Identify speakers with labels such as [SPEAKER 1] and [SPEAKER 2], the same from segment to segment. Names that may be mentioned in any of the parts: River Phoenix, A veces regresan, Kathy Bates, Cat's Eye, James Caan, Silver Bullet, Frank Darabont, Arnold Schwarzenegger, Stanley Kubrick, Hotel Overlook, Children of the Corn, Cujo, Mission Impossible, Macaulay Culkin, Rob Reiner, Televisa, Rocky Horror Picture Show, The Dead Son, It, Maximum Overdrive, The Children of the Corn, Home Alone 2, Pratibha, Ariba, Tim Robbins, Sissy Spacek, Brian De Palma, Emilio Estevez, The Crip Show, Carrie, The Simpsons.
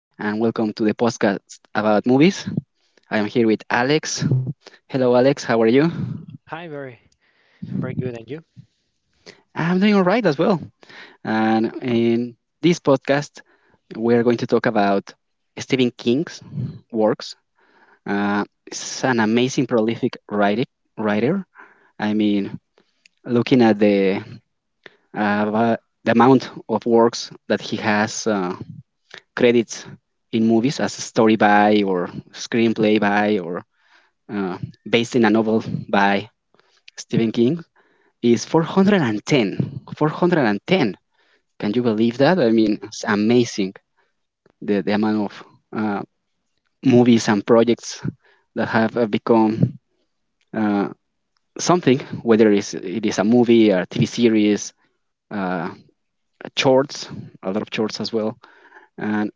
[SPEAKER 1] and welcome to the podcast about movies. I am here with Alex. Hello, Alex. How are you?
[SPEAKER 2] Hi, very. I'm very good, and you?
[SPEAKER 1] I'm doing all right as well. And in this podcast, we're going to talk about Stephen King's works. It's an amazing, prolific writer. Writer. I mean, looking at uh, va- the amount of works that he has credits in movies as a story by or screenplay by or uh, based in a novel by Stephen King, is 410. 410. Can you believe that? I mean, it's amazing the amount of uh, movies and projects that have become, uh, something, whether it is a movie, a TV series, uh, shorts, a lot of shorts as well. And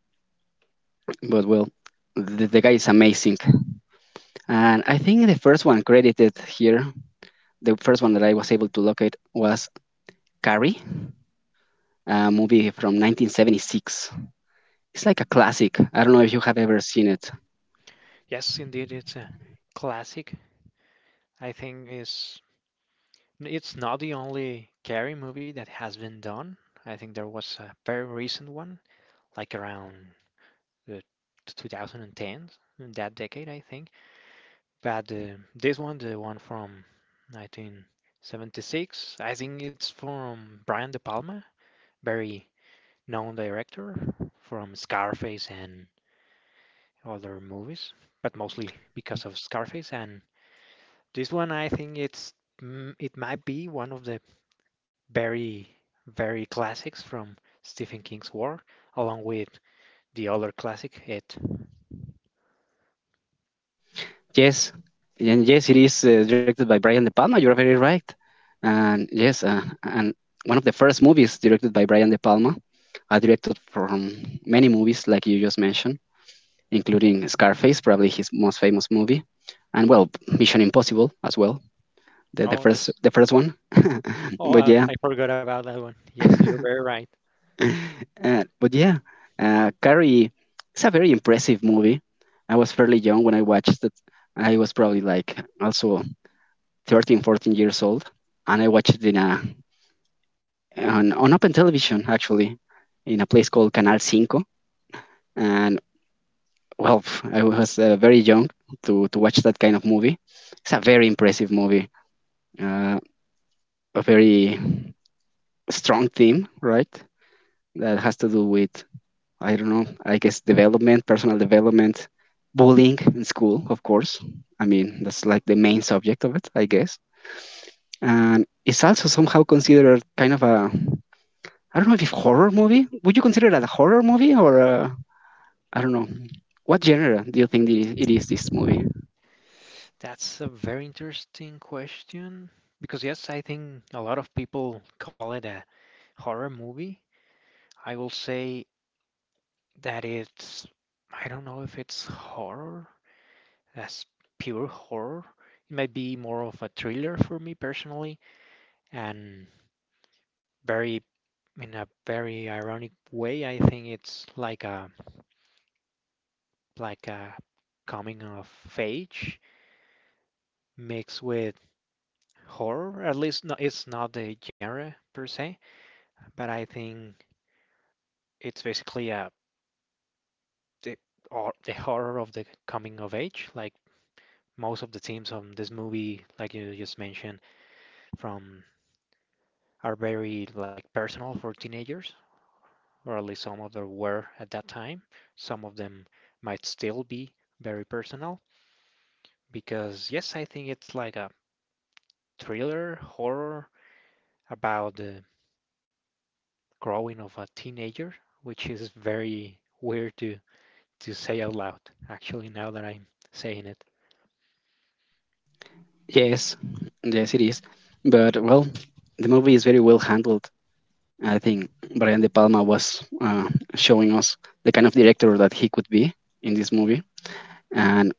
[SPEAKER 1] but well, the guy is amazing. And I think the first one credited here, the first one that I was able to locate was Carrie, a movie from 1976. It's like a classic. I don't know if you have ever seen it.
[SPEAKER 2] Yes, indeed, it's a classic. I think is it's not the only Carrie movie that has been done. I think there was a very recent one, like around the 2010, in that decade, I think. But this one, the one from 1976, I think it's from Brian De Palma, very known director from Scarface and other movies, but mostly because of Scarface and this one, I think it's, it might be one of the very, very classics from Stephen King's work, along with the other classic, It.
[SPEAKER 1] Yes, and yes, it is directed by Brian De Palma. You're very right. And yes, and one of the first movies directed by Brian De Palma. I directed from many movies, like you just mentioned, including Scarface, probably his most famous movie, and well, Mission Impossible as well, the, the
[SPEAKER 2] Oh,
[SPEAKER 1] first
[SPEAKER 2] yes.
[SPEAKER 1] the first one.
[SPEAKER 2] Oh,
[SPEAKER 1] But yeah,
[SPEAKER 2] I forgot about that one. Yes, you're very right.
[SPEAKER 1] but yeah, Carrie, it's a very impressive movie. I was fairly young when I watched it. I was probably like also 13, 14 years old, and I watched it on open television actually, in a place called Canal Cinco. And well, pff, I was very young to watch that kind of movie. It's a very impressive movie, uh, a very strong theme, right? That has to do with, I don't know, I guess development, personal development, bullying in school, of course. I mean, that's like the main subject of it, I guess. And it's also somehow considered kind of a, I don't know, if horror movie. Would you consider it a horror movie or a, I don't know. What genre do you think it is this movie?
[SPEAKER 2] That's a very interesting question because, yes, I think a lot of people call it a horror movie. I will say that it's, I don't know if it's horror, as pure horror. It might be more of a thriller for me personally, and very in a very ironic way, I think it's like a like a coming of age mixed with horror. At least no, it's not the genre per se, but I think it's basically a the, or the horror of the coming of age. Like most of the themes of this movie, like you just mentioned, from are very like personal for teenagers, or at least some of them were at that time. Some of them might still be very personal because, yes, I think it's like a thriller horror about the growing of a teenager, which is very weird to, say out loud, actually, now that I'm saying it.
[SPEAKER 1] Yes, yes, it is. But well, the movie is very well handled. I think Brian De Palma was, showing us the kind of director that he could be in this movie, and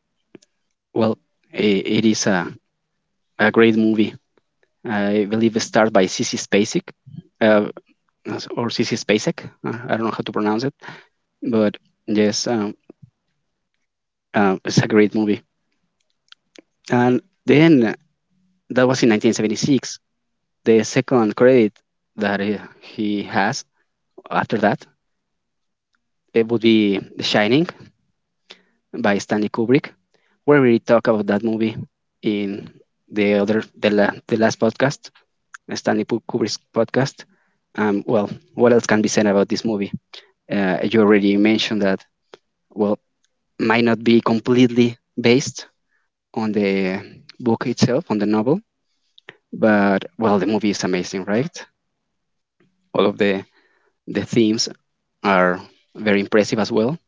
[SPEAKER 1] well, I it is a great movie. I believe it starred by Sissy Spacek, uh, or Sissy Spacek. I don't know how to pronounce it, but yes, it's a great movie. And then that was in 1976. The second credit that he has after that, it would be The Shining by Stanley Kubrick, where we talk about that movie in the other the, la, the last podcast, Stanley Kubrick's podcast. Well, what else can be said about this movie? You already mentioned that. Well, might not be completely based on the book itself, on the novel, but well, the movie is amazing, right? All of the themes are very impressive as well.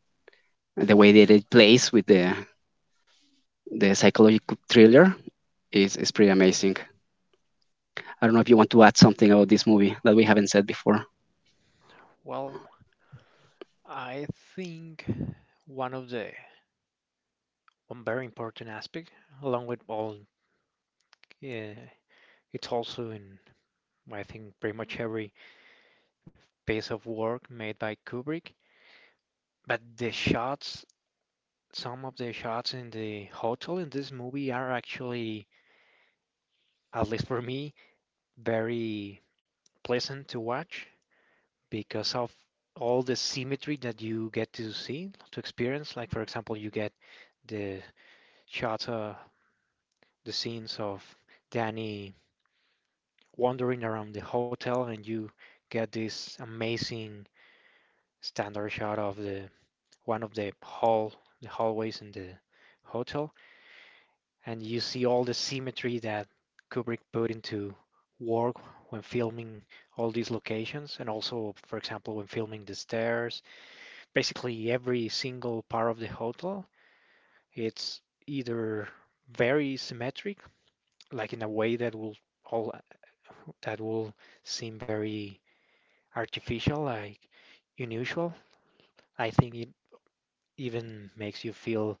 [SPEAKER 1] The way that it plays with the psychological thriller is pretty amazing. I don't know if you want to add something about this movie that we haven't said before.
[SPEAKER 2] Well, I think one of the One very important aspect, along with all, yeah, it's also in, I think, pretty much every piece of work made by Kubrick. But the shots, some of the shots in the hotel in this movie are actually, at least for me, very pleasant to watch because of all the symmetry that you get to see, to experience. Like, for example, you get the shots, the scenes of Danny wandering around the hotel, and you get this amazing standard shot of the one of the hall, the hallways in the hotel, and you see all the symmetry that Kubrick put into work when filming all these locations, and also, for example, when filming the stairs. Basically, every single part of the hotel, it's either very symmetric, like in a way that will all that will seem very artificial, like unusual. I think it even makes you feel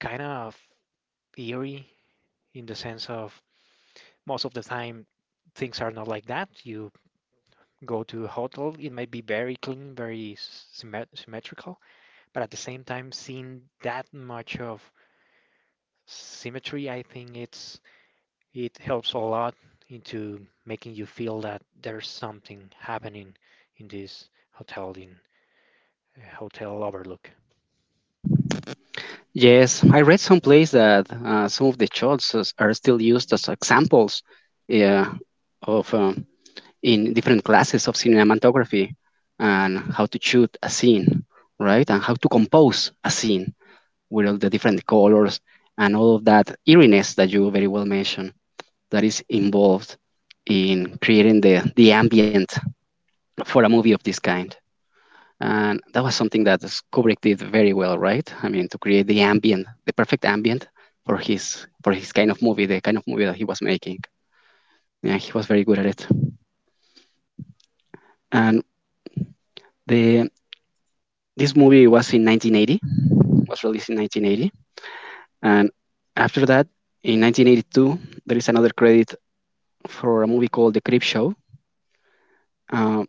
[SPEAKER 2] kind of eerie, in the sense of most of the time things are not like that. You go to a hotel, it might be very clean, very symmetrical, but at the same time, seeing that much of symmetry, I think it helps a lot into making you feel that there's something happening in this hotel, in Hotel Overlook.
[SPEAKER 1] Yes, I read someplace that some of the are still used as examples, yeah, of, in different classes of cinematography and how to shoot a scene, right? And how to compose a scene with all the different colors and all of that eeriness that you very well mentioned that is involved in creating the ambient for a movie of this kind. And that was something Kubrick did very well, right? I mean, to create the ambient, the perfect ambient for his kind of movie, the kind of movie that he was making. Yeah, he was very good at it. And the this movie was in 1980, was released in 1980, and after that, in 1982, there is another credit for a movie called The Crip Show. Uh,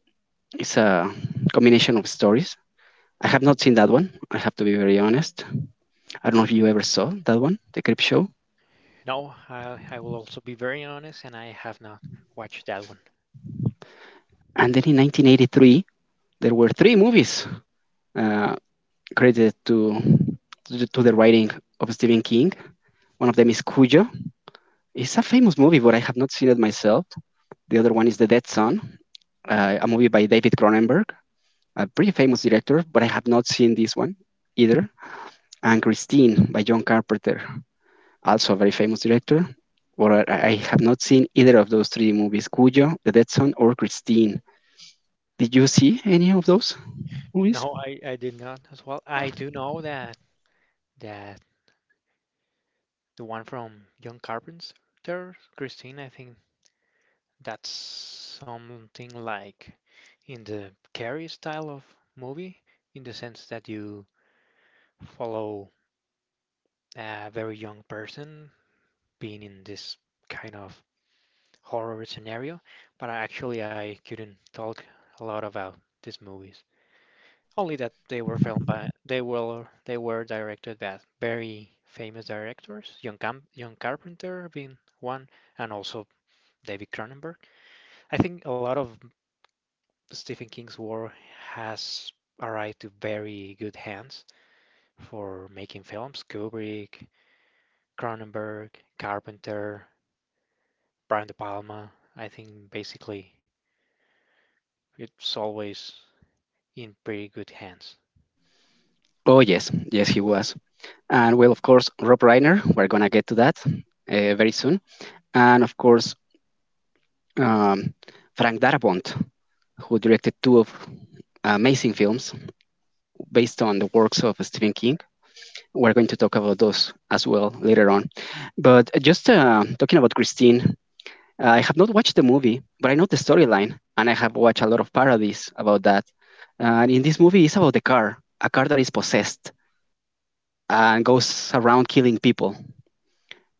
[SPEAKER 1] it's a combination of stories. I have not seen that one. I have to be very honest. I don't know if you ever saw that one, The Crip Show.
[SPEAKER 2] No, I will also be very honest, and I have not watched that one.
[SPEAKER 1] And then in 1983, there were three movies uh, credited to the writing of Stephen King. One of them is Cujo. It's a famous movie, but I have not seen it myself. The other one is The Dead Son, a movie by David Cronenberg, a pretty famous director, but I have not seen this one either. And Christine by John Carpenter, also a very famous director, but I have not seen either of those three movies: Cujo, The Dead Son, or Christine. Did you see any of those movies?
[SPEAKER 2] No, I did not as well. I do know that the one from John Carpenter, Christine, I think that's something like in the Carrie style of movie, in the sense that you follow a very young person being in this kind of horror scenario. But actually, I couldn't talk a lot about these movies. Only that they were they were directed by very famous directors, John Carpenter being one, and also David Cronenberg. I think a lot of Stephen King's work has arrived to very good hands for making films. Kubrick, Cronenberg, Carpenter, Brian De Palma. I think basically it's always in pretty good hands.
[SPEAKER 1] Oh yes, yes, he was. And well, of course, Rob Reiner. We're gonna get to that very soon, and of course, um, Frank Darabont, who directed two of amazing films based on the works of Stephen King. We're going to talk about those as well later on. But just talking about Christine, I have not watched the movie, but I know the storyline, and I have watched a lot of parodies about that. And in this movie, it's about the car, a car that is possessed and goes around killing people.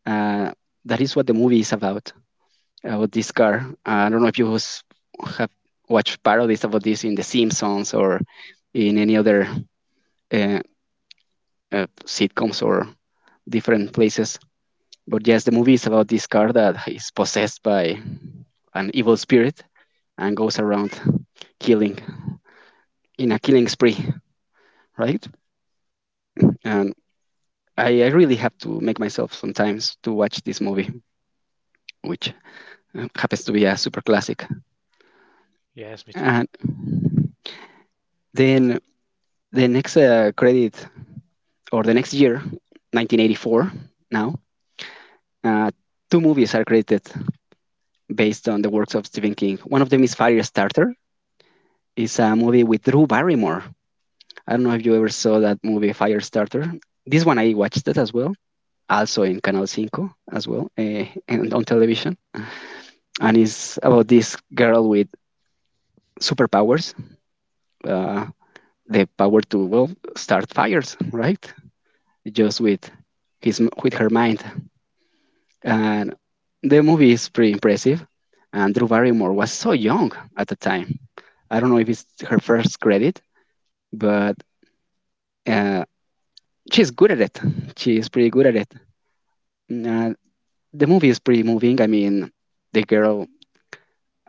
[SPEAKER 1] Uh, that is what the movie is about this car. I don't know if have watched parodies about this in The Simpsons or in any other uh, sitcoms or different places. But yes, the movie is about this car that is possessed by an evil spirit and goes around killing in a killing spree, right? And I really have to make myself sometimes to watch this movie, which happens to be a super classic.
[SPEAKER 2] Yes, me too.
[SPEAKER 1] And then the next credit or the next year, 1984, now uh, two movies are credited based on the works of Stephen King. One of them is Firestarter. It's a movie with Drew Barrymore. I don't know if you ever saw that movie, Firestarter. This one I watched it as well, also in Canal Cinco as well, and on television. And it's about this girl with superpowers, uh, the power to, well, start fires, right? Just with his with her mind. uh, The movie is pretty impressive, and Drew Barrymore was so young at the time. I don't know if it's her first credit, but uh, she's good at it. She's pretty good at it. Uh, the movie is pretty moving. I mean, the girl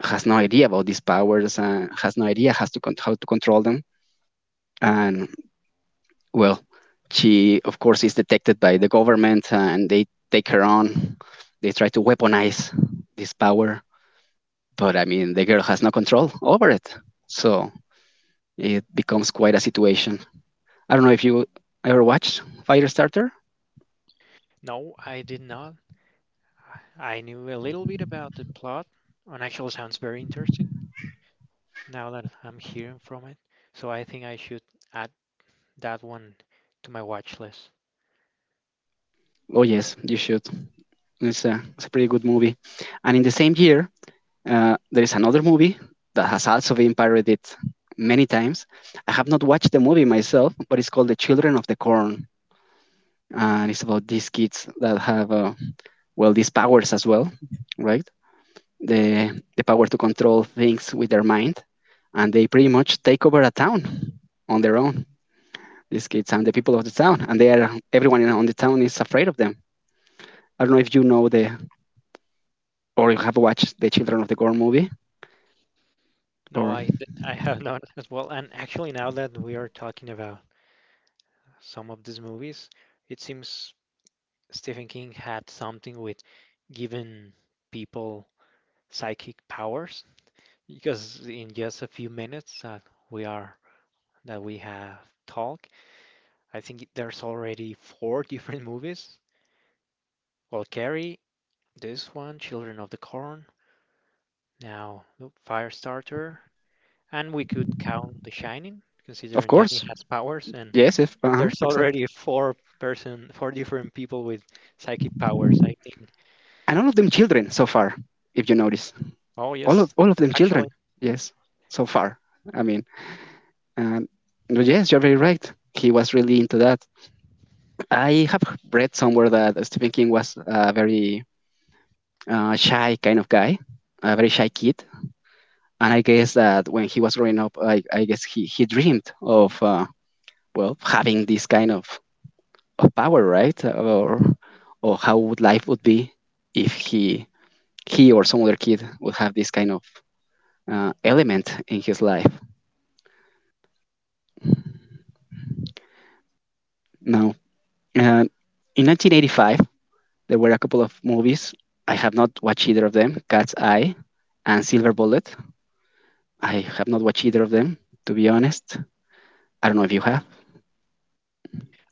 [SPEAKER 1] has no idea about these powers and has no idea has to con- how to control them. And well, she of course is detected by the government, and they take her on. They try to weaponize this power, but I mean, the girl has no control over it. So it becomes quite a situation. I don't know if you ever watched Firestarter.
[SPEAKER 2] No, I did not. I knew a little bit about the plot, and actually sounds very interesting now that I'm hearing from it. So I think I should add that one to my watch list.
[SPEAKER 1] Oh yes, you should. It's a pretty good movie. And in the same year, there is another movie that has also been parodied many times. I have not watched the movie myself, but it's called The Children of the Corn, and it's about these kids that have, well, these powers as well, right? The power to control things with their mind, and they pretty much take over a town on their own. These kids and the people of the town, and they are, everyone on the town is afraid of them. I don't know if you know the or you have watched the Children of the Corn movie,
[SPEAKER 2] No,
[SPEAKER 1] or
[SPEAKER 2] I have not as well. And actually, now that we are talking about some of these movies, it seems Stephen King had something with giving people psychic powers because in just a few minutes we are that we have talked, I think there's already four different movies. Well, Carrie, this one, Children of the Corn, now look, Firestarter, and we could count The Shining,
[SPEAKER 1] of
[SPEAKER 2] considering Danny
[SPEAKER 1] course,
[SPEAKER 2] has powers and.
[SPEAKER 1] yes, if uh-huh,
[SPEAKER 2] There's
[SPEAKER 1] exactly.
[SPEAKER 2] already four different people with psychic powers, I think.
[SPEAKER 1] And all of them children so far, if you notice,
[SPEAKER 2] Oh,
[SPEAKER 1] all of
[SPEAKER 2] yes,
[SPEAKER 1] all of them
[SPEAKER 2] actually.
[SPEAKER 1] children, yes, so far. I mean, and no, yes, you're very right. He was really into that. I have read somewhere that Stephen King was a very shy kind of guy, a very shy kid, and I guess that when he was growing up, I guess he dreamed of, well, having this kind of power, right? Or how would life would be if he or some other kid would have this kind of element in his life. Now, uh, in 1985, there were a couple of movies. I have not watched either of them: Cat's Eye and Silver Bullet. I have not watched either of them, to be honest. I don't know if you have.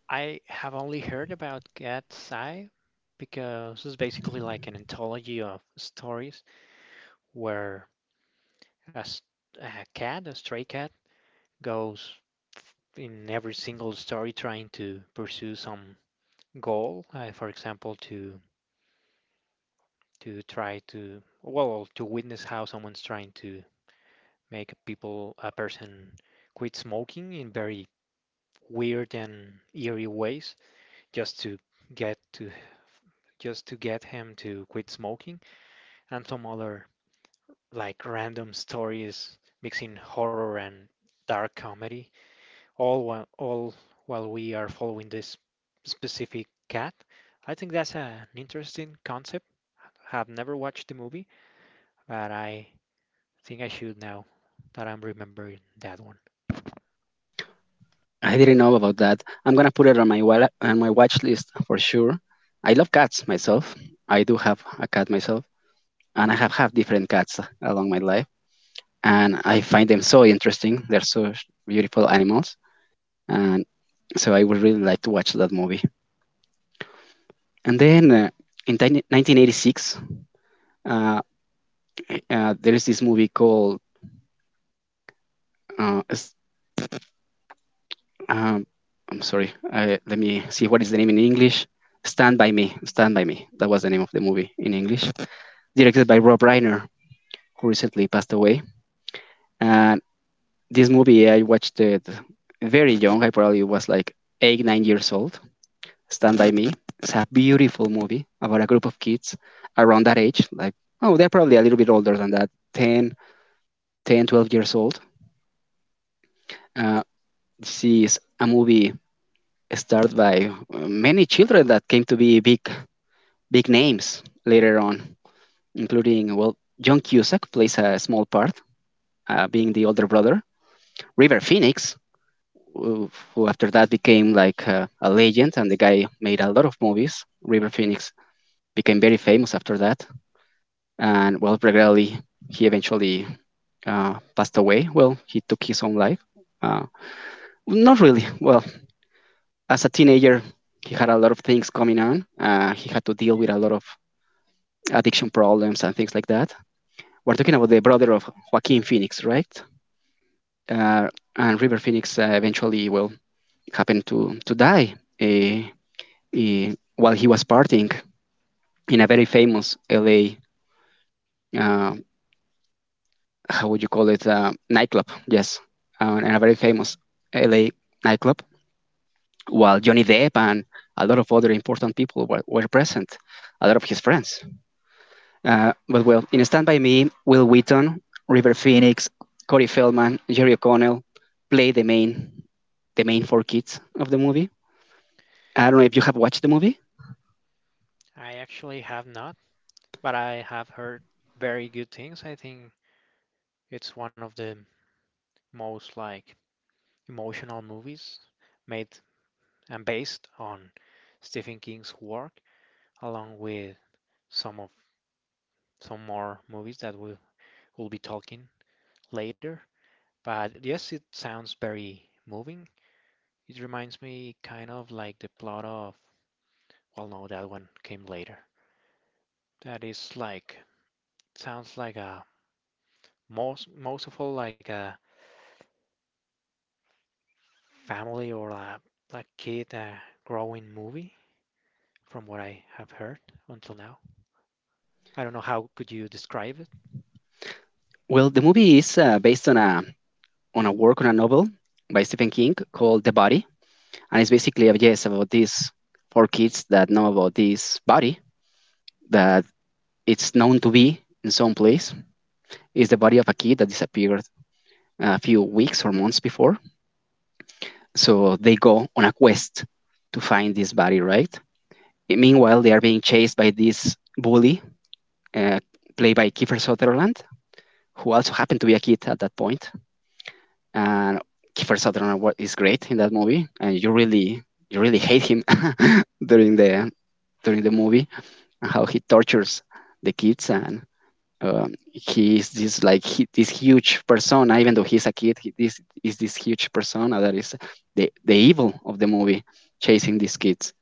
[SPEAKER 2] I have only heard about Cat's Eye because it's basically like an anthology of stories where a, s- a stray cat goes in every single story trying to pursue some goal. For example, to try to, well, to witness how someone's trying to make a person quit smoking in very weird and eerie ways, just to get to just to get him to quit smoking, and some other like random stories mixing horror and dark comedy, all while we are following this specific cat. I think that's an interesting concept. I have never watched the movie, but I think I should now that I'm remembering that one.
[SPEAKER 1] I didn't know about that. I'm gonna put it on my watch list for sure. I love cats myself. I do have a cat myself, and I have had different cats along my life, and I find them so interesting. They're so beautiful animals, and so I would really like to watch that movie. And then 1986, uh, there is this movie called. Uh, s- um, I'm sorry. Let me see what is the name in English. Stand by Me. Stand by Me. That was the name of the movie in English, directed by Rob Reiner, who recently passed away. And this movie, I watched it very young. I probably was like eight, 9 years old. Stand by Me. It's a beautiful movie about a group of kids around that age. Like, oh, they're probably a little bit older than that 12 years old. Uh, this is a movie starred by many children that came to be big, big names later on, including, well, John Cusack plays a small part, being the older brother. River Phoenix, who who after that became like a legend, and the guy made a lot of movies. River Phoenix became very famous after that. And, well, regrettably, he eventually passed away. Well, he took his own life, uh, not really well. As a teenager, he had a lot of things coming on. He had to deal with a lot of addiction problems and things like that. We're talking about the brother of Joaquin Phoenix, right? uh, and River Phoenix eventually, well, happened to die, uh, while he was partying in a very famous LA, uh, how would you call it, nightclub? Yes, in a very famous LA nightclub, while Johnny Depp and a lot of other important people were present, a lot of his friends. But well, in Stand By Me, Will Wheaton, River Phoenix, Corey Feldman, Jerry O'Connell play the main four kids of the movie. I don't know if you have watched the movie.
[SPEAKER 2] I actually have not, but I have heard very good things. I think it's one of the most like emotional movies made and based on Stephen King's work, along with some of some more movies that we will be talking later. But yes, it sounds very moving. It reminds me kind of like the plot of, well, no, that one came later. That is sounds like a most of all like a family or a like kid growing movie from what I have heard until now. I don't know how could you describe it.
[SPEAKER 1] Well, the movie is based on a work on a novel by Stephen King called The Body, and it's basically a yes about these four kids that know about this body that it's known to be in some place. Is the body of a kid that disappeared a few weeks or months before. So they go on a quest to find this body, right? Meanwhile, they are being chased by this bully uh, played by Kiefer Sutherland, who also happened to be a kid at that point. And is great in that movie, and you really, you really hate him during the during the movie, and how he tortures the kids. And he is this, like, this huge persona. Even though he's a kid, he this is this huge persona that is the evil of the movie, chasing these kids,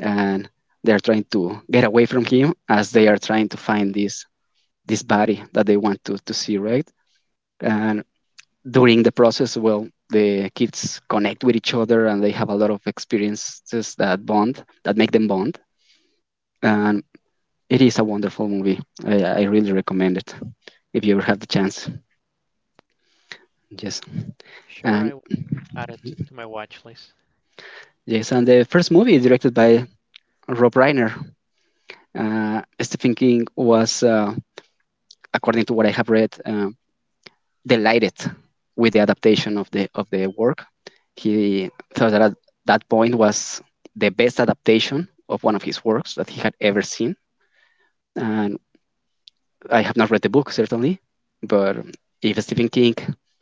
[SPEAKER 1] and they are trying to get away from him as they are trying to find this body that they want to see, right? And during the process, well, the kids connect with each other and they have a lot of experiences that that make them bond. And it is a wonderful movie. I really recommend it if you ever have the chance. Yes.
[SPEAKER 2] Sure, I
[SPEAKER 1] And
[SPEAKER 2] will add it to my watch list.
[SPEAKER 1] yes, and the first movie is directed by Rob Reiner. Stephen King was, according to what I have read, delighted with the adaptation of the work. He thought that at that point was the best adaptation of one of his works that he had ever seen. And I have not read the book certainly, but if Stephen King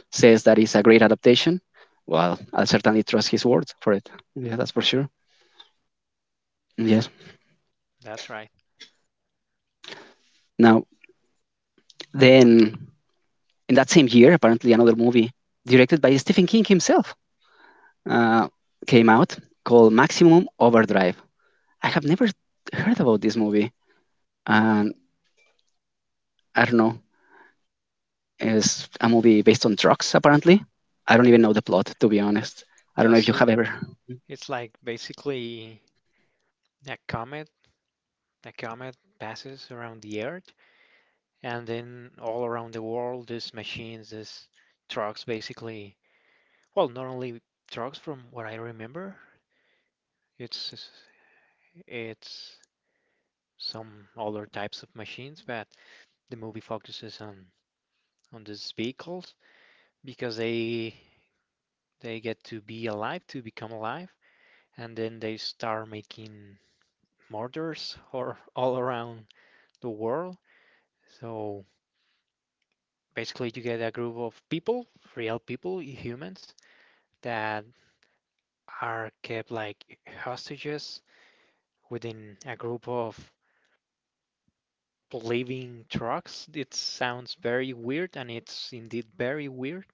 [SPEAKER 1] says that it's a great adaptation, well, I'll certainly trust his words for it. Yeah, that's for sure. Yes.
[SPEAKER 2] That's right.
[SPEAKER 1] Now, then, in that same year, apparently another movie directed by Stephen King himself uh, came out, called Maximum Overdrive. I have never heard about this movie. And I don't know. It's a movie based on drugs, apparently. I don't even know the plot, to be honest. I don't know if
[SPEAKER 2] Yes,
[SPEAKER 1] you
[SPEAKER 2] it,
[SPEAKER 1] have ever.
[SPEAKER 2] it's like basically a comet. A comet passes around the Earth, and then all around the world, these machines, these trucks, basically. Well, not only trucks, from what I remember, it's it's some other types of machines, but the movie focuses on these vehicles because they get to be alive, to become alive, and then they start making murders or all around the world. So basically, you get a group of people, real people, humans, that are kept like hostages within a group of living trucks. It sounds very weird, and it's indeed very weird.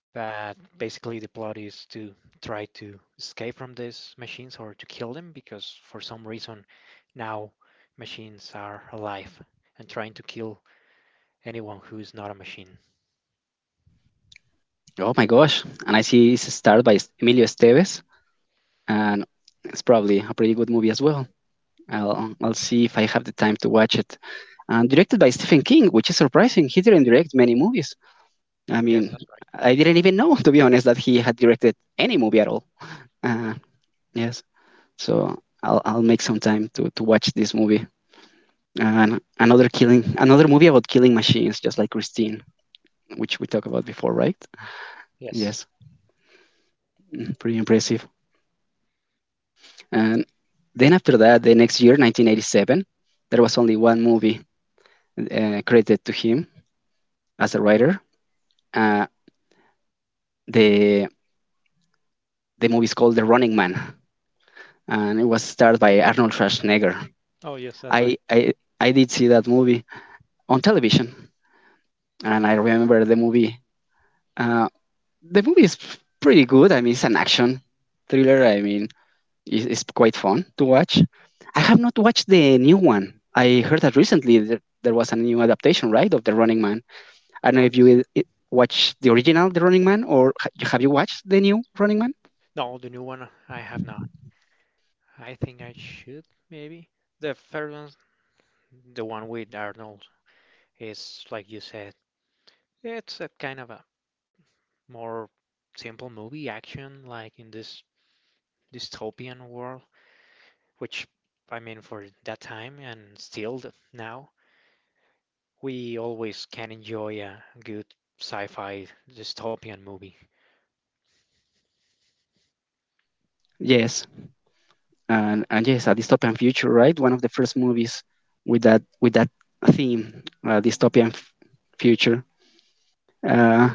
[SPEAKER 2] That basically the plot is to try to escape from these machines or to kill them because for some reason now machines are alive and trying to kill anyone who is not a machine.
[SPEAKER 1] Oh my gosh. And I see it's starred by Emilio Estevez. And it's probably a pretty good movie as well. I'll see if I have the time to watch it. And directed by Stephen King, which is surprising. He didn't direct many movies. I
[SPEAKER 2] Yes, that's
[SPEAKER 1] mean,
[SPEAKER 2] right.
[SPEAKER 1] I didn't even know, to be honest, that he had directed any movie at all. Uh, yes. So I'll make some time to watch this movie. And another killing, another movie about killing machines, just like Christine, which we talked about before, right?
[SPEAKER 2] Yes.
[SPEAKER 1] Yes, pretty impressive. And then after that, the next year, 1987, there was only one movie credited to him as a writer. Uh, the the movie is called The Running Man, and it was starred by Arnold Schwarzenegger.
[SPEAKER 2] Oh, yes, that's
[SPEAKER 1] I
[SPEAKER 2] right.
[SPEAKER 1] I I did see that movie on television, and I remember the movie. Uh, the movie is pretty good. I mean, it's an action thriller. I mean, it's quite fun to watch. I have not watched the new one. I heard that recently that there was a new adaptation, right, of The Running Man. I don't know
[SPEAKER 2] Oh,
[SPEAKER 1] if
[SPEAKER 2] yes.
[SPEAKER 1] you watched the original The Running Man, or have you watched the new Running Man?
[SPEAKER 2] No, the new one I have not. I think I should maybe. The first one, the one with Arnold, is like you said, it's a kind of a more simple movie action, like in this dystopian world, which I mean for that time and still now, we always can enjoy a good sci-fi dystopian movie.
[SPEAKER 1] Yes, and yes, a dystopian future, right? One of the first movies with that theme, dystopian future. Uh,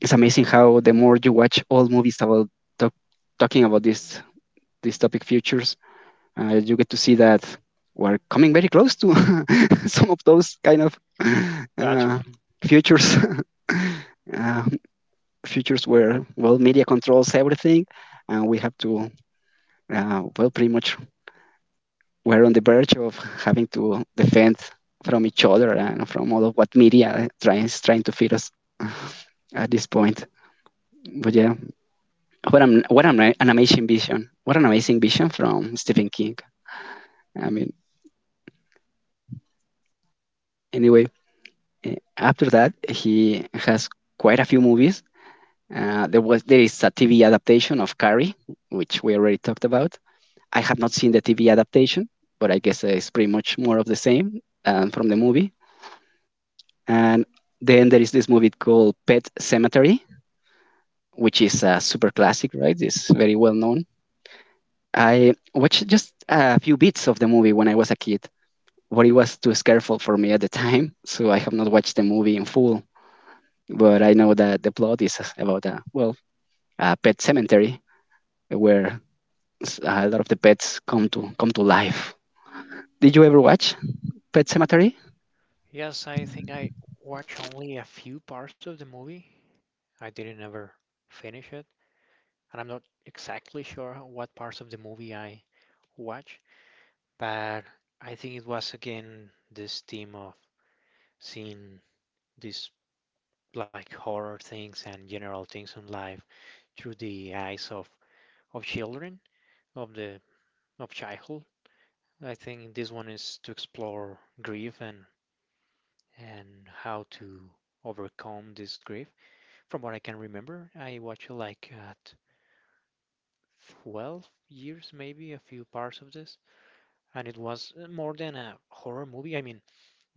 [SPEAKER 1] it's amazing how the more you watch all movies about talk, talking about this topic, futures, you get to see that we're coming very close to some of those kind of
[SPEAKER 2] That's
[SPEAKER 1] uh,
[SPEAKER 2] right.
[SPEAKER 1] futures. uh, futures where, well, media controls everything, and we have to, well, pretty much we're on the verge of having to defend from each other and from all of what media tries trying to feed us at this point. But yeah, what an, an amazing vision! What an amazing vision from Stephen King. I mean, anyway, after that, he has quite a few movies. There is a TV adaptation of Carrie, which we already talked about. I have not seen the TV adaptation, but I guess it's pretty much more of the same from the movie. And then there is this movie called Pet Cemetery, which is a super classic, right? It's very well known. I watched just a few bits of the movie when I was a kid, but it was too scareful for me at the time, so I have not watched the movie in full. But I know that the plot is about a, well, a pet cemetery where a lot of the pets come to come to life. Did you ever watch Pet Cemetery?
[SPEAKER 2] Yes, I think I watched only a few parts of the movie. I didn't ever finish it, and I'm not exactly sure what parts of the movie I watched, but I think it was again this theme of seeing these like horror things and general things in life through the eyes of children, of the of childhood. I think this one is to explore grief, and and how to overcome this grief. From what I can remember, I watched it like at 12 years, maybe a few parts of this, and it was, more than a horror movie. I mean,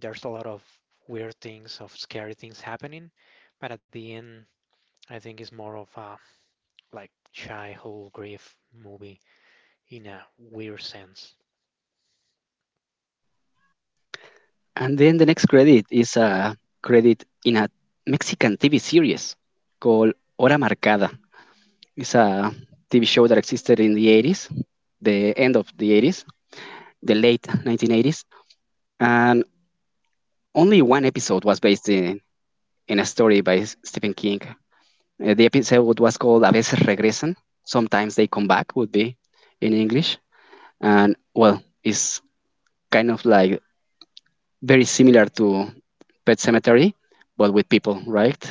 [SPEAKER 2] there's a lot of weird things, of scary things happening, but at the end, I think it's more of a like childhood grief movie in a weird sense.
[SPEAKER 1] And then the next credit is a credit in a Mexican TV series called Hora Marcada. It's a TV show that existed in the 80s, the end of the 80s, the late 1980s, and only one episode was based in a story by Stephen King. The episode was called A veces regresan. Sometimes they come back, would be in English. And well, it's kind of like very similar to Pet Cemetery, but with people, right?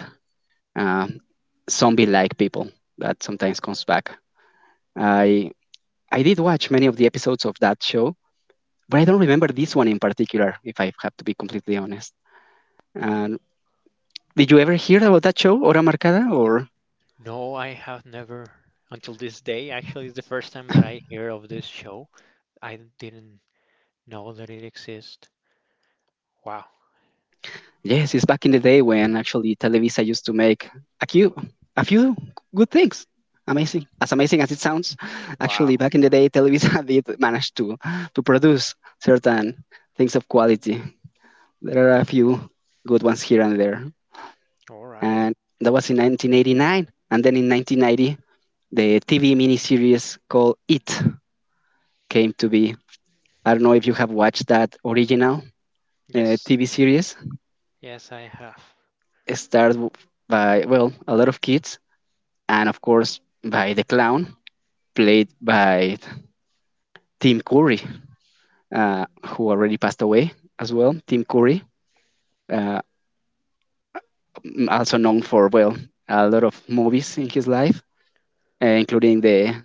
[SPEAKER 1] Uh, zombie like people that sometimes comes back. I I did watch many of the episodes of that show, but I don't remember this one in particular, if I have to be completely honest. And did you ever hear about that show, Hora Marcada, or?
[SPEAKER 2] No, I have never, until this day. Actually, it's the first time that I hear of this show. I didn't know that it exists. Wow.
[SPEAKER 1] Yes, it's back in the day when actually Televisa used to make a few, a few good things. Amazing as it sounds, actually
[SPEAKER 2] Wow.
[SPEAKER 1] back in the day, Televisa did manage to produce certain things of quality. There are a few good ones here and there,
[SPEAKER 2] All right.
[SPEAKER 1] and that was in 1989. And then in 1990, the TV miniseries called It came to be. I don't know if you have watched that original
[SPEAKER 2] Yes.
[SPEAKER 1] TV series.
[SPEAKER 2] Yes, I have.
[SPEAKER 1] It started w- by Well, a lot of kids, and of course, by the clown played by Tim Curry, who already passed away as well. Tim Curry, uh, also known for, well, a lot of movies in his life, including the,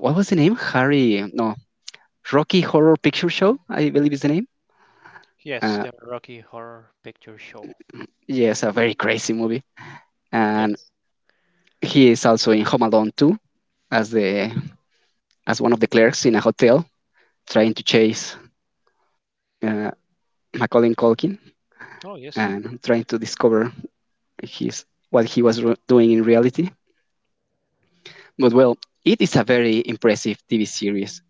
[SPEAKER 1] what was the name? Harry no Rocky Horror Picture Show, I believe is the name.
[SPEAKER 2] Yes,
[SPEAKER 1] Uh,
[SPEAKER 2] the Rocky Horror Picture Show.
[SPEAKER 1] yes, a very crazy movie, and
[SPEAKER 2] Yes.
[SPEAKER 1] he is also in Home Alone 2 as the, as one of the clerks in a hotel trying to chase uh, Macaulay Culkin
[SPEAKER 2] Oh, yes.
[SPEAKER 1] and trying to discover his, what he was ro- doing in reality. But well, it is a very impressive TV series.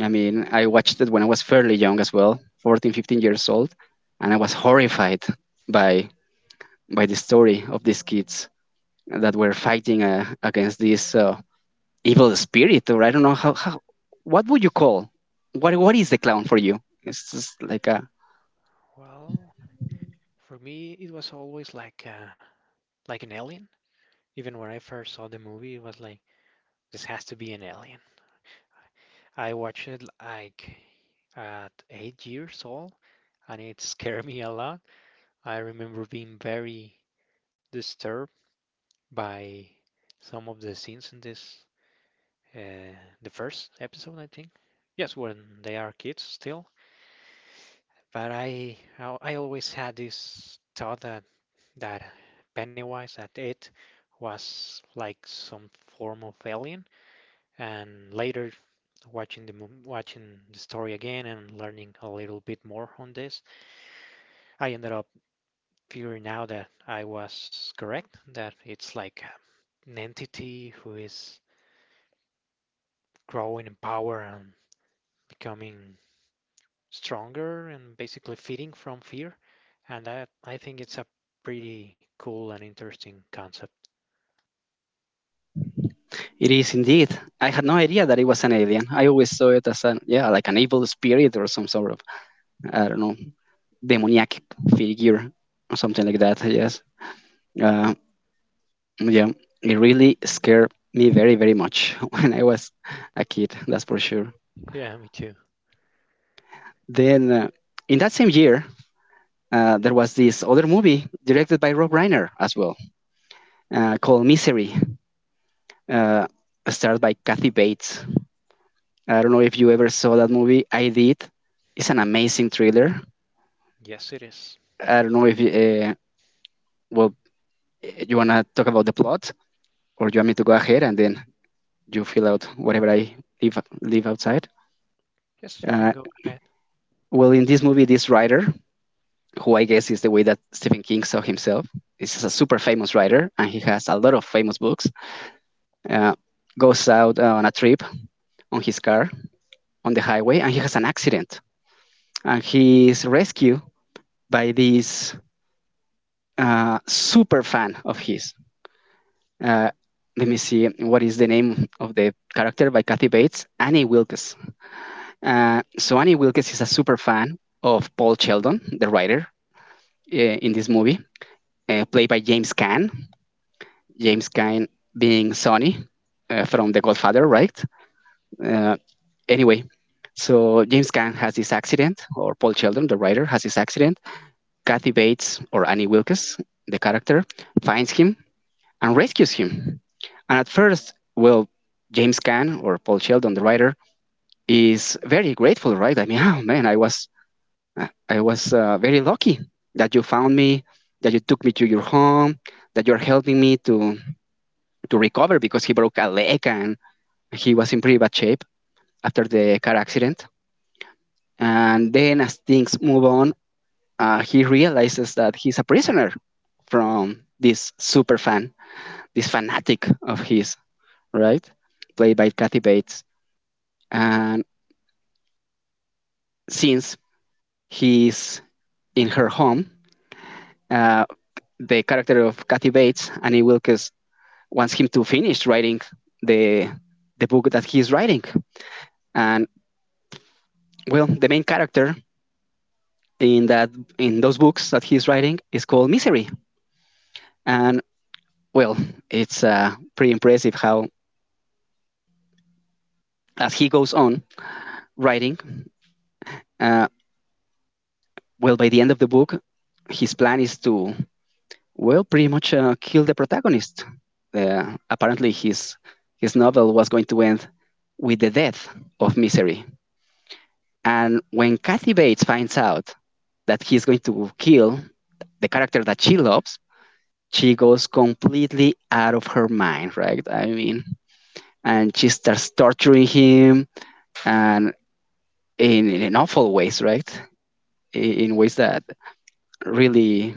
[SPEAKER 1] I mean, I watched it when I was fairly young as well, 14, 15 years old, and I was horrified by by the story of these kids that were fighting against this evil spirit, or I don't know how, what would you call, what is the clown for you? It's just like a,
[SPEAKER 2] Well, for me, it was always like an alien. Even when I first saw the movie, it was like this has to be an alien. I watched it like at 8 years old, and it scared me a lot. I remember being very disturbed by some of the scenes in the first episode, I think. Yes, when they are kids still. But I always had this thought that Pennywise, that it was like some form of alien. And later, watching the watching story again and learning a little bit more on this, I ended up figuring out that I was correct, that it's like an entity who is growing in power and becoming stronger and basically feeding from fear. And I think it's a pretty cool and interesting concept.
[SPEAKER 1] it is indeed. I had no idea that it was an alien. I always saw it as an, yeah, like an evil spirit or some sort of, I don't know, demoniac figure or something like that. Yes, uh, yeah, it really scared me very very much when I was a kid. That's for sure.
[SPEAKER 2] Yeah, me too.
[SPEAKER 1] Then in that same year, there was this other movie directed by Rob Reiner as well, called Misery. Uh, Starred by Kathy Bates. I don't know if you ever saw that movie. I did. It's an amazing thriller.
[SPEAKER 2] Yes, it is.
[SPEAKER 1] I don't know if you, well you wanna talk about the plot or you want me to go ahead and then you fill out whatever I live outside.
[SPEAKER 2] Yes, you can
[SPEAKER 1] Uh,
[SPEAKER 2] go ahead.
[SPEAKER 1] well, in this movie, this writer, who I guess is the way that Stephen King saw himself, is a super famous writer, and he has a lot of famous books. Uh, goes out on a trip on his car on the highway, and he has an accident, and he is rescued by this super fan of his. Uh, let me see what is the name of the character by Kathy Bates, Annie Wilkes. So Annie Wilkes is a super fan of Paul Sheldon, the writer in this movie, played by James Caan. James Caan being Sonny from The Godfather, right? Uh, anyway, so James Caan has this accident, or Paul Sheldon, the writer, has this accident. Kathy Bates, or Annie Wilkes, the character, finds him and rescues him. And at first, well, James Caan, or Paul Sheldon, the writer, is very grateful, right? I mean, oh man, I was very lucky that you found me, that you took me to your home, that you're helping me to recover because he broke a leg and he was in pretty bad shape after the car accident. And then, as things move on, he realizes that he's a prisoner from this super fan, this fanatic of his, right? Played by Kathy Bates. And since he's in her home, uh, the character of Kathy Bates, Annie Wilkes, wants him to finish writing the the book that he's writing. And well, the main character in that in those books that he's writing is called Misery. And well, it's pretty impressive how as he goes on writing, uh, well, by the end of the book, his plan is to well, pretty much kill the protagonist. Apparently, his novel was going to end with the death of Misery. And when Kathy Bates finds out that he's going to kill the character that she loves, she goes completely out of her mind, right? I mean, and she starts torturing him and in awful ways, right? In ways that really,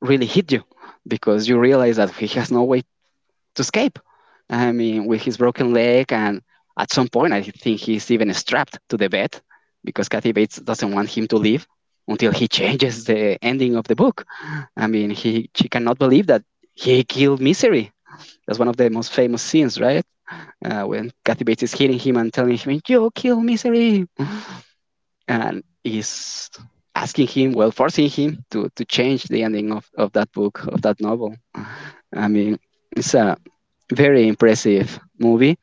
[SPEAKER 1] really hit you because you realize that he has no way to escape. I mean, with his broken leg, and at some point, I think he's even strapped to the bed because Kathy Bates doesn't want him to leave until he changes the ending of the book. I mean, he she cannot believe that he killed Misery. That's one of the most famous scenes, right? When Kathy Bates is hitting him and telling him, "You kill Misery," and is asking him, well, forcing him to change the ending of that book of that novel. I mean, it's a very impressive movie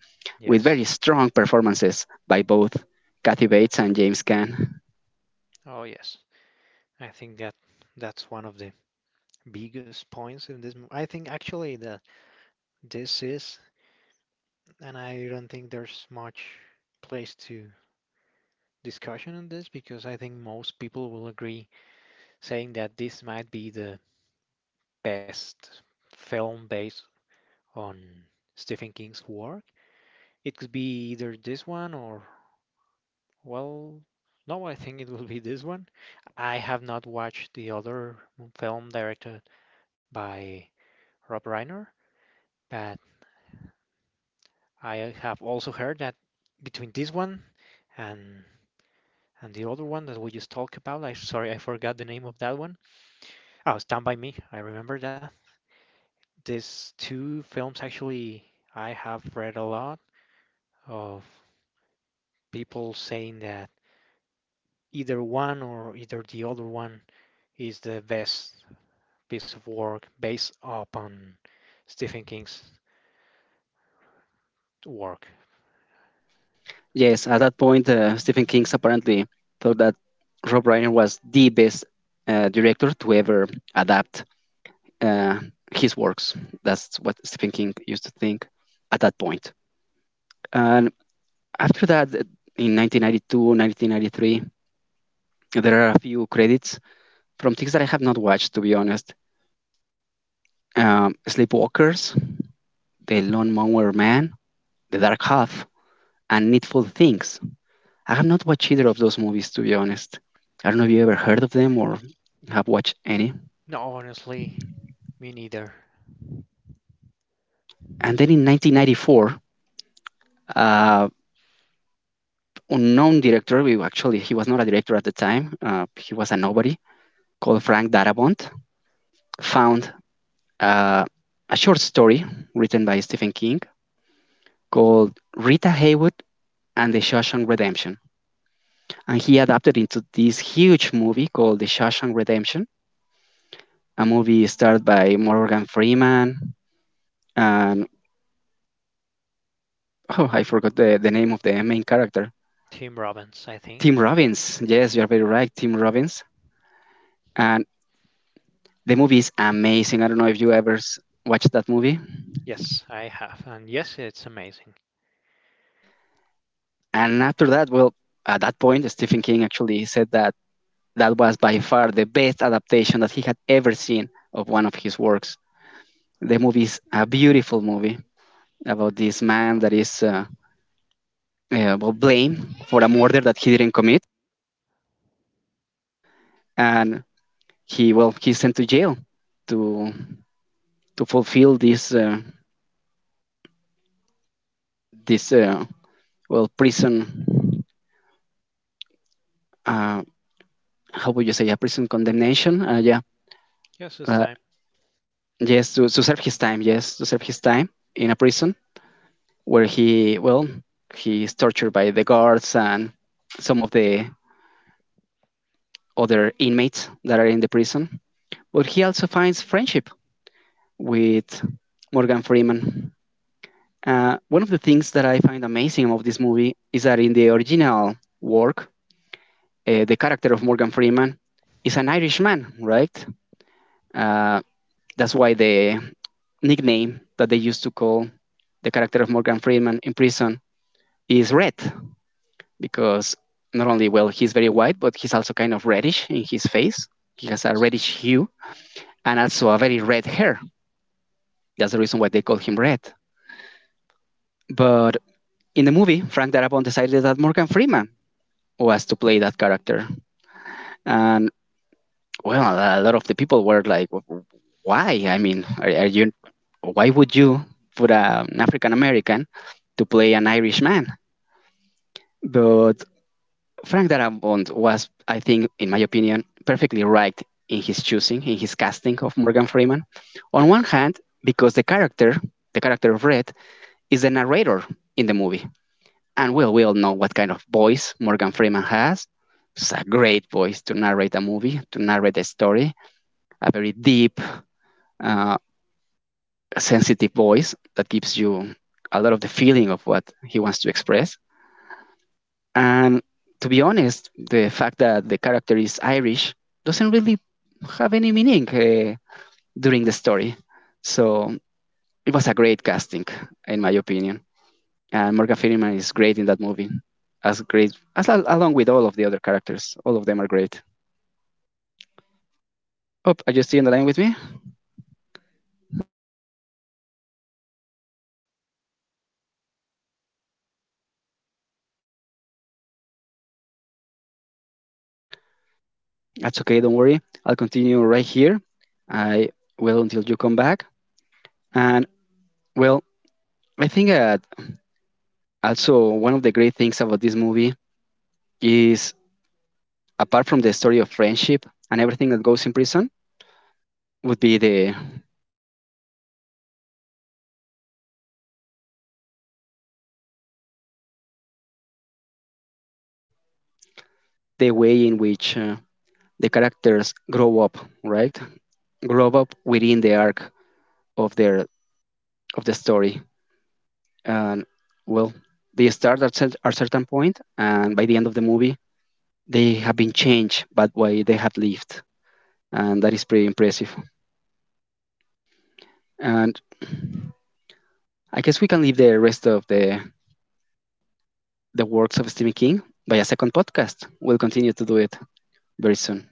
[SPEAKER 1] with very
[SPEAKER 2] Yes.
[SPEAKER 1] strong performances by both Kathy Bates and James Caan.
[SPEAKER 2] Oh, yes. I think that that's one of the biggest points in this. I think actually that this is, and I don't think there's much place to discussion on this because I think most people will agree, saying that this might be the best film based on Stephen King's work. It could be either this one or, well, no, I think it will be this one. I have not watched the other film directed by Rob Reiner, but I have also heard that between this one and and the other one that we just talked about, I, sorry, I forgot the name of that one. Oh, Stand by Me. I remember that. These two films actually I have read a lot of people saying that either one or either the other one is the best piece of work based upon Stephen King's work.
[SPEAKER 1] Yes, at that point, Stephen King apparently thought that Rob Reiner was the best director to ever adapt uh, his works. That's what Stephen King used to think at that point. And after that, in 1992, 1993, there are a few credits from things that I have not watched, to be honest. Sleepwalkers, The Lawnmower Man, The Dark Half, and Needful Things. I have not watched either of those movies, to be honest. I don't know if you ever heard of them or have watched any.
[SPEAKER 2] No, honestly, me neither.
[SPEAKER 1] And then in 1994, uh, unknown director, we actually he was not a director at the time, he was a nobody, called Frank Darabont, found uh, a short story written by Stephen King called Rita Haywood and the Shawshank Redemption. And he adapted into this huge movie called The Shawshank Redemption, a movie starred by Morgan Freeman and oh, I forgot the name of the main character.
[SPEAKER 2] Tim Robbins, I think.
[SPEAKER 1] Tim Robbins. Yes, you are very right, Tim Robbins. And the movie is amazing. I don't know if you ever watched that movie.
[SPEAKER 2] Yes, I have. And yes, it's amazing.
[SPEAKER 1] And after that, well, at that point, Stephen King actually said that that was by far the best adaptation that he had ever seen of one of his works. The movie is a beautiful movie about this man that is well, blamed for a murder that he didn't commit. And he well, he's sent to jail to fulfill this well, prison, uh, how would you say, a prison condemnation, yeah,
[SPEAKER 2] Yes, it's
[SPEAKER 1] uh,
[SPEAKER 2] time.
[SPEAKER 1] yes, to serve his time, yes, to serve his time in a prison where he, well, he is tortured by the guards and some of the other inmates that are in the prison, but he also finds friendship with Morgan Freeman. Uh, one of the things that I find amazing of this movie is that in the original work, the character of Morgan Freeman is an Irishman, right? Uh, that's why the nickname that they used to call the character of Morgan Freeman in prison is Red, because not only, well, he's very white, but he's also kind of reddish in his face. He has a
[SPEAKER 2] Yes.
[SPEAKER 1] reddish hue and also a very red hair. That's the reason why they call him Red. But in the movie, Frank Darabont decided that Morgan Freeman was to play that character. And well, a lot of the people were like, "Why? I mean, are you? Why would you put a, an African American to play an Irish man?" But Frank Darabont was, I think, in my opinion, perfectly right in his choosing, in his casting of Morgan Freeman. On
[SPEAKER 2] Yes.
[SPEAKER 1] one hand, because the character of Red, is the narrator in the movie, and well, we all know what kind of voice Morgan Freeman has. It's a great voice to narrate a movie, to narrate a story, a very deep, uh, a sensitive voice that gives you a lot of the feeling of what he wants to express. And to be honest, the fact that the character is Irish doesn't really have any meaning during the story. So it was a great casting, in my opinion. And Morgan Freeman is great in that movie, as great as along with all of the other characters. All of them are great. Oh, are you still in the line with me? That's okay. Don't worry. I'll continue right here. I will until you come back. And well, I think also, one of the great things about this movie is, apart from the story of friendship and everything that goes in prison, would be the way in which the characters grow up, right? Grow up within the arc of their of the story, and well, they start at a certain point, and by the end of the movie, they have been changed, by the way they have lived, and that is pretty impressive. And I guess we can leave the rest of the works of Stephen King by a second podcast. We'll continue to do it very soon.